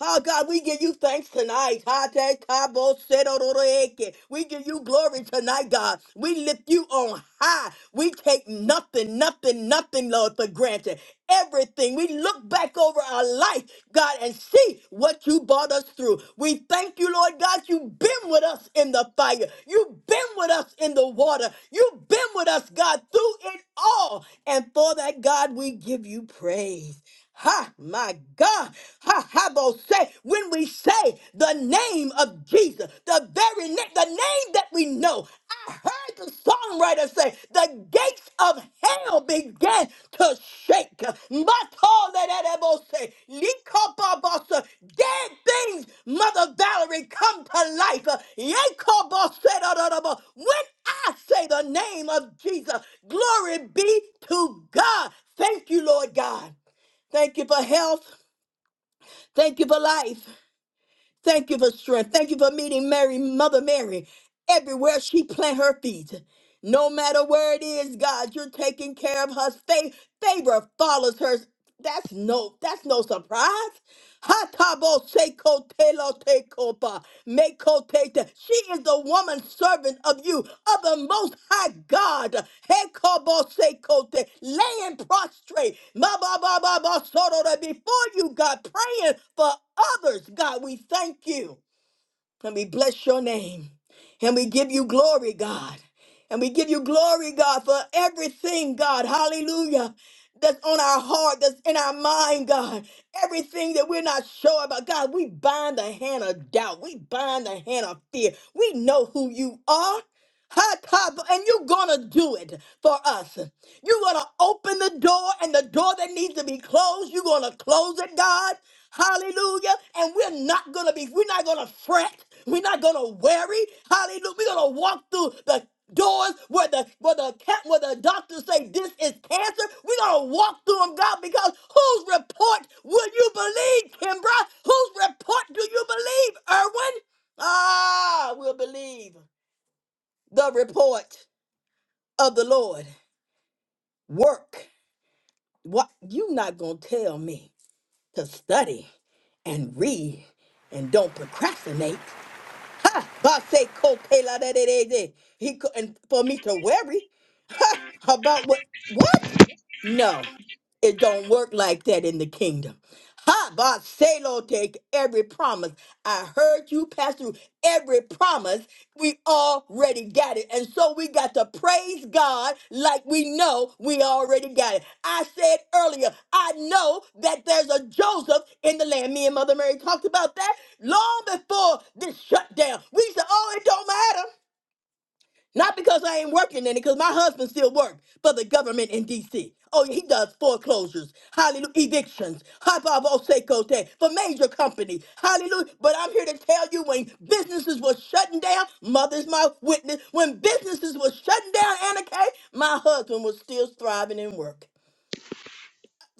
Oh God, we give you thanks tonight. Ha, te, ka, bo, se, do, do, do, eke. We give you glory tonight, God. We lift you on high. We take nothing, nothing, nothing, Lord, for granted. Everything. We look back over our life, God, and see what you brought us through. We thank you, Lord God. You've been with us in the fire. You've been with us in the water. You've been with us, God, through it all. And for that, God, we give you praise. Ha, my God. Ha, ha, bo say, when we say the name of Jesus, the very name, the name that we know. I heard the songwriter say, the gates of hell began to shake. Matolererabose, likopabose, Dead things, Mother Valerie, come to life. Yekoboserororobo. When I say the name of Jesus, glory be to God. Thank you, Lord God. Thank you for health. Thank you for life. Thank you for strength. Thank you for meeting Mary, Mother Mary, everywhere she plant her feet. No matter where it is, God, you're taking care of her. Fa- Favor follows her. That's no, that's no surprise. Hatabo seko telo tekopa. Meko tete. She is the woman servant of you, of the most high God. Hekobo seko te. Laying prostrate. Ma ba ba ba ba soro Before you, God, praying for others. God, we thank you. And we bless your name. And we give you glory, God. And we give you glory, God, for everything, God. Hallelujah. That's on our heart, that's in our mind, God. Everything that we're not sure about, God, we bind the hand of doubt. We bind the hand of fear. We know who you are. Ha, ta, bo- And you're gonna do it for us. You're gonna open the door, and the door that needs to be closed, you're gonna close it, God. Hallelujah. And we're not gonna be, we're not gonna fret. We're not gonna worry. Hallelujah. We're gonna walk through the doors where the where the ca- where the doctors say this is cancer. We're gonna walk through them, God, because whose report will you believe, Kimbra? Whose report do you believe, Erwin? Ah, we'll believe the report of the Lord. Work. What you not gonna tell me to study and read and don't procrastinate. Ha! Base ko te la de de de de. He co- and for me to worry. How about what? What? No, it don't work like that in the kingdom. Ha, Baselo, take every promise. I heard you pass through every promise. We already got it. And so we got to praise God like we know we already got it. I said earlier, I know that there's a Joseph in the land. Me and Mother Mary talked about that long before this shutdown. We said, oh, it don't matter. Not because I ain't working in it, because my husband still works for the government in D.C. Oh, yeah, he does foreclosures, hallelujah, evictions, hababosekote, for major companies, hallelujah. But I'm here to tell you when businesses were shutting down, mother's my witness, when businesses were shutting down, Anna Kay, my husband was still thriving and working.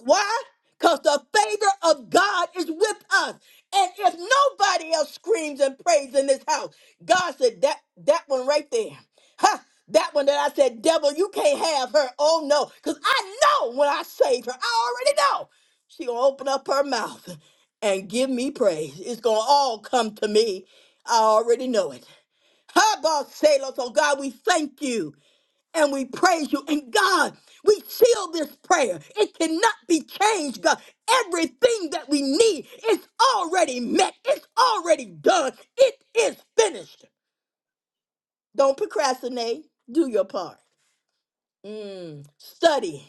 Why? Because the favor of God is with us. And if nobody else screams and prays in this house, God said that that one right there. Huh? That one that I said, devil, you can't have her. Oh no. Because I know when I save her, I already know. She gonna open up her mouth and give me praise. It's gonna all come to me. I already know it. How about Sailor? So God, we thank you and we praise you. And God, we seal this prayer. It cannot be changed, God. Everything that we need is already met, it's already done, it is finished. Don't procrastinate, do your part. Mm. Study,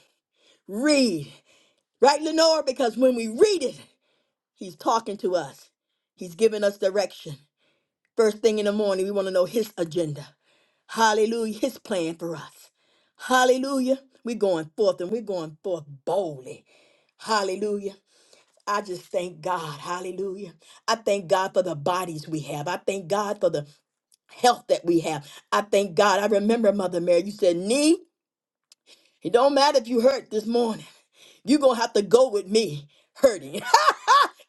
read. Right, Lenore? Because when we read it, He's talking to us, He's giving us direction. First thing in the morning, we want to know His agenda. Hallelujah. His plan for us. Hallelujah. We're going forth and we're going forth boldly. Hallelujah. I just thank God. Hallelujah. I thank God for the bodies we have. I thank God for the health that we have. I thank God. I remember Mother Mary, you said, knee, it don't matter if you hurt this morning. You're going to have to go with me hurting.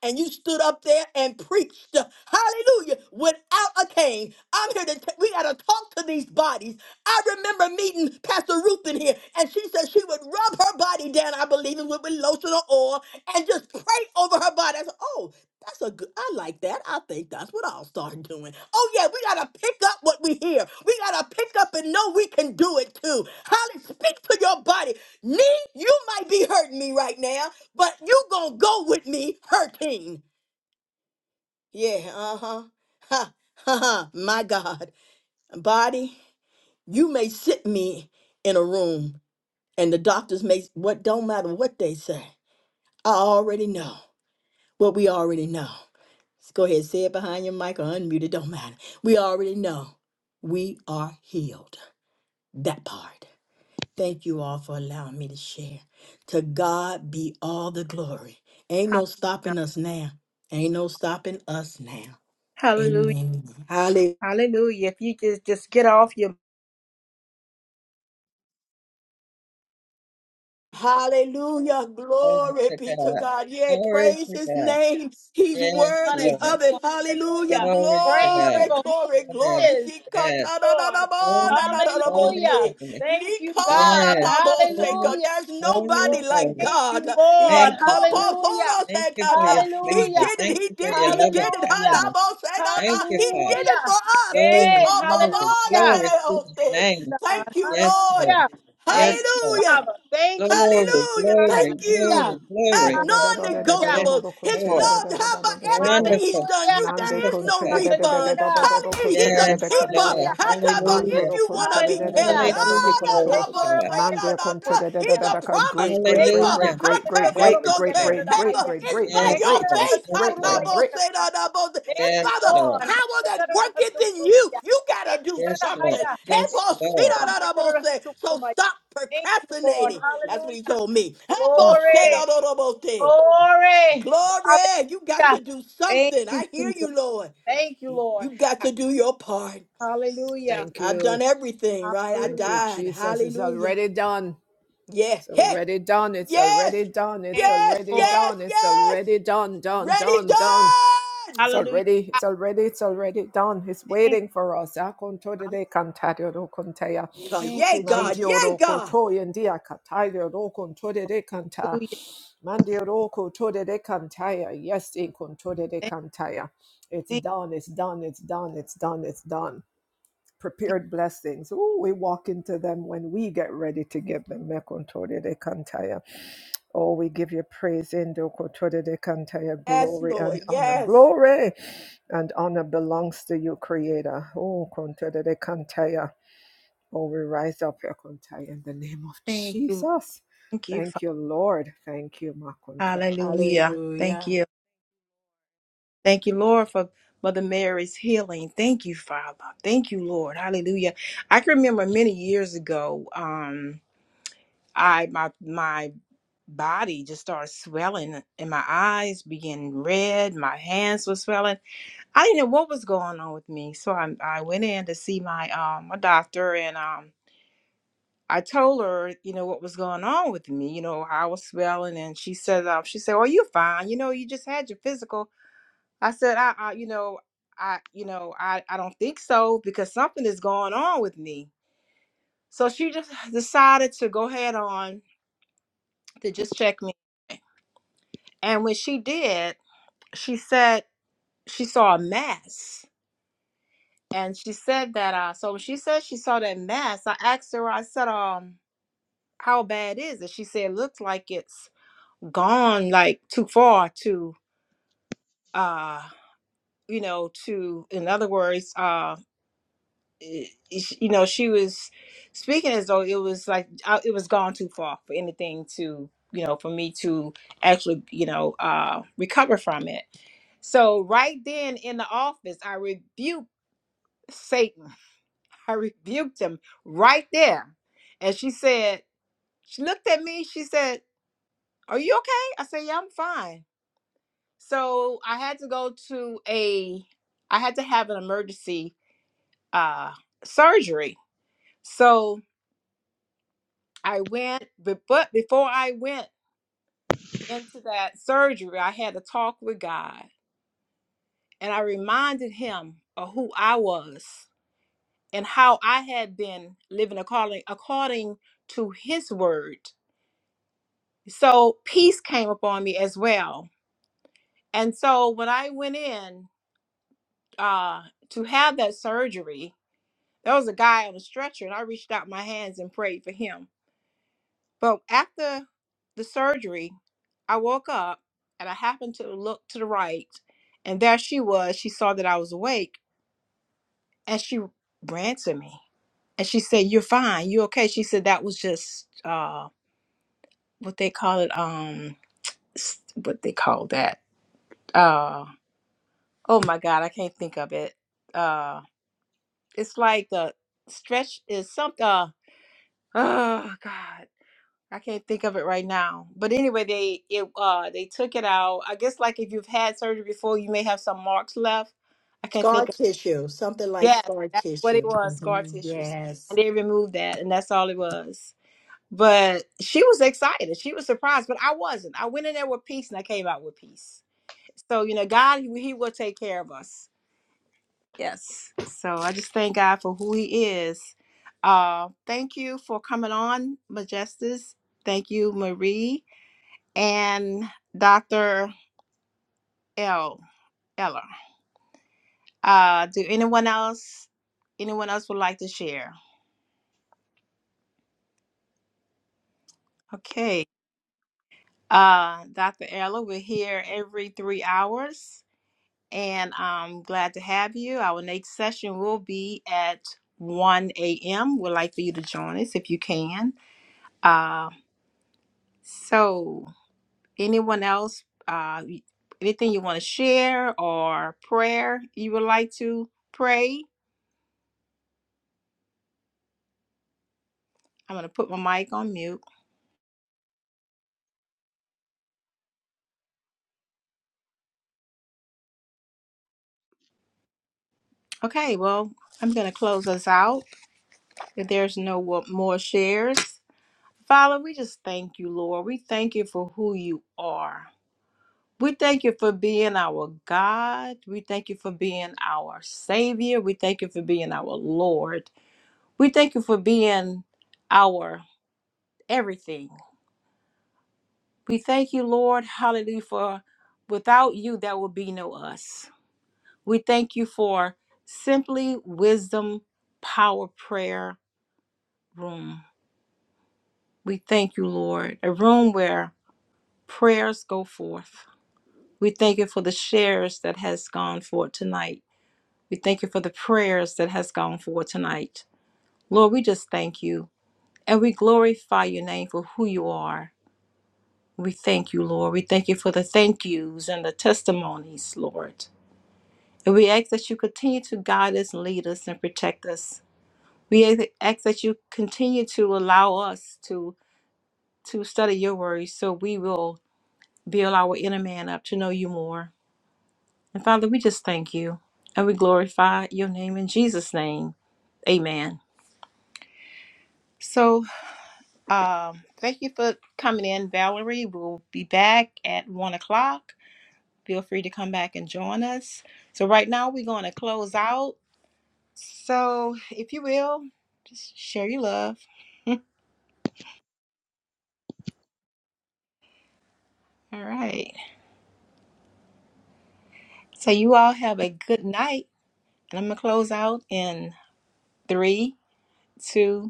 and you stood up there and preached, hallelujah, without a cane. I'm here to, t- we got to talk to these bodies. I remember meeting Pastor Ruth in here, and she said she would rub her body down, I believe it was with lotion or oil, and just pray over her body. I said, oh, that's a good, I like that. I think that's what I'll start doing. Oh, yeah, we got to pick up what we hear. We got to pick up and know we can do it too. Holly, speak to your body. Me, you might be hurting me right now but you gonna go with me hurting. Yeah, uh-huh. Ha, ha, ha, my God. Body, you may sit me in a room and the doctors may, what don't matter what they say. I already know what we already know. Just go ahead, say it behind your mic or unmute it, don't matter. We already know we are healed. That part. Thank you all for allowing me to share. To God be all the glory. Ain't no Hallelujah. stopping us now. Ain't no stopping us now. Hallelujah. Amen. Hallelujah. Hallelujah. If you just just get off your Hallelujah. Glory Glory to be to God. God. Yea, Glory praise to his God. name. He's Yes, gonna worthy do. Lord. of it. Hallelujah. Hallelujah. Glory to Praise him God. Glory, for who glory, he Yes, glory. is, Thank yes. you, Lord. Holy, holy, Hallelujah. Sikatadadadabodadadadabote. holy. Thank you, God. Yes. Holy, Likadadaboseka. Hallelujah. There's holy, nobody like holy. Thank you, God. Lord. Thank you, Lord. Hallelujah. Thank you for Yekobofodosekata. your He favor. Hallelujah. did it. Thank He you for did it. your He loving did it. Hallelujah. kindness. Thank Hadabosedada. you, He Father. did it Hallelujah. for us. Glory, Hey, hallelujah. glory, glory to his Hikobobolalalalote. name. God. Thank you, Yes, Lord. Lord. Hallelujah. Thank Yes, you, Lord. Hallelujah. Father. Thank you. Glory, Hallelujah. Thank glory, Hallelujah. glory, you. glory. Had Hallelujah. Yes, non-negotiable. His Lord. love, how about everything he's Wonderful, done? Hallelujah. You Nande there is wonderful contra no de God. de de de de refund. do Hallelujah. do do Hallelujah. contra He's de a de de Yes, keeper. Lord. Hallelujah. cantea How about Hallelujah. if mando you want to contra de be de de de Hallelujah. kept? de do do Hallelujah. Ah, da, Glory contra Thank da, to you, bo, Lord. God. say, da, mande da, contra da. de de de de He's a de promise great Thank great great keeper. Hallelujah. great How great can great Glory they to great go great great take? God. great Hey, great but it's great great by great Yes, your Lord. faith. Yes, How great da, Lord. great bo, great say, da, da, bo. It's you, by Yes, the Lord. power that worketh in you. You gotta do Yes, Lord. something. Hey, Yes, Lord. Lord. so stop Thank you, Lord. procrastinating. That's what he Hallelujah. told me. Glory. Glory. Glory, Hallelujah. you got to do Thank something. you, I hear Jesus. you, Lord. Thank you, Lord. You got to do your part. Hallelujah. thank I've you done everything, right? I thank you Hallelujah. died. Jesus it's Hallelujah. already done Yeah. it's Hey. already done it's Yes. already done it's Thank you, Yes. already Lord. Yes. done it's Yes. already done done Thank- Ready, done done done. It's Hallelujah. already, God, it's already, it's already done. It's Thank you. waiting for us. Akonto Hallelujah. de cantario do contea. God, Thank yay, you, God. Jesus. Mandio Yay, do God. kotoy and dia catario do conto de canta. Mandio do koto de cantaya. Yes, in conto de Thank, cantaya. It's thank, done, it's done, it's done, it's done, it's done thank prepared blessings. Ooh, we walk into them when we get ready to give them. Mekontode de kantaya. Oh, we give you praise, Indokotode de kantaya, Yes, glory Lord. and honor. Yes. Glory and honor belongs to you, Creator. Oh, Kontode de kantaya. Oh, we rise up, Ekontaya, in the name of thank you. Jesus. Thank you. For, Thank you, Lord. Thank you, Makonto. hallelujah. Thank Hallelujah. you. Thank you, Lord, for Mother Mary's healing. Thank you, Father. Thank you, Lord. Hallelujah. I can remember many years ago, um, I my my body just started swelling and my eyes began red, my hands were swelling. I didn't know what was going on with me. So I I went in to see my um my doctor and um I told her, you know, what was going on with me, you know, how I was feeling. And she said, um, she said, well, you're fine. You know, you just had your physical. I said, I, I you know, I, you know, I, I don't think so because something is going on with me. So she just decided to go head on to just check me. And when she did, she said she saw a mass. And she said that, uh, so when she said she saw that mass, I asked her, I said, um, how bad is it? She said, it looks like it's gone like too far to uh you know to in other words uh i- i- you know she was speaking as though it was like uh, it was gone too far for anything to you know for me to actually you know uh recover from it so right then in the office i rebuked satan i rebuked him right there and she said she looked at me she said are you okay i said yeah i'm fine So I had to go to a, I had to have an emergency uh, surgery. So I went, but, but before I went into that surgery, I had a talk with God and I reminded him of who I was and how I had been living according, according to his word. So peace came upon me as well. And so when I went in uh, to have that surgery, There was a guy on a stretcher, and I reached out my hands and prayed for him. But after the surgery, I woke up and I happened to look to the right, and there she was. She saw that I was awake, and she ran to me, and she said, "You're fine. You okay?" She said that was just uh, what they call it. Um, s- what they call that. Uh, oh my God, I can't think of it. Uh, it's like the stretch is something. Uh, oh God. I can't think of it right now. But anyway, they it uh they took it out. I guess like if you've had surgery before, you may have some marks left. I can't Scar think of tissue, something like yes, scar that's what it tissue. was, scar Mhm. tissues. Yes. And they removed that and that's all it was. But she was excited. She was surprised, but I wasn't. I went in there with peace and I came out with peace. So, you know, God he, he will take care of us. Yes. So I just thank God for who he is. Uh thank you for coming on, Majestus. Thank you, Marie and Dr. L. Eller. Uh, do anyone else anyone else would like to share? Okay. Uh, Dr. Ella, we're here every three hours, and I'm glad to have you. Our next session will be at 1 a.m. We'd like for you to join us if you can. Uh, so, anyone else, uh, anything you want to share or prayer you would like to pray? I'm going to put my mic on mute. Okay, well, I'm going to close us out. If there's no wo- more shares, Father, we just thank you, Lord. We thank you for who you are. We thank you for being our God. We thank you for being our Savior. We thank you for being our Lord. We thank you for being our everything. We thank you, Lord, hallelujah, for without you, there will be no us. We thank you for simply wisdom, power, prayer, room. We thank you, Lord, a room where prayers go forth. We thank you for the shares that has gone forth tonight. We thank you for the prayers that has gone forth tonight. Lord, we just thank you and we glorify your name for who you are. We thank you, Lord. We thank you for the thank yous and the testimonies, Lord. And we ask that you continue to guide us, lead us, and protect us. We ask ask that you continue to allow us to to study your word so we will build our inner man up to know you more. And Father, we just thank you and we glorify your name in Jesus' name. Amen. So, um, thank you for coming in, Valerie. We'll be back at one o'clock. Feel free to come back and join us. So, right now, we're going to close out. So, if you will, just share your love. all right. So, you all have a good night. And I'm going to close out in three, two.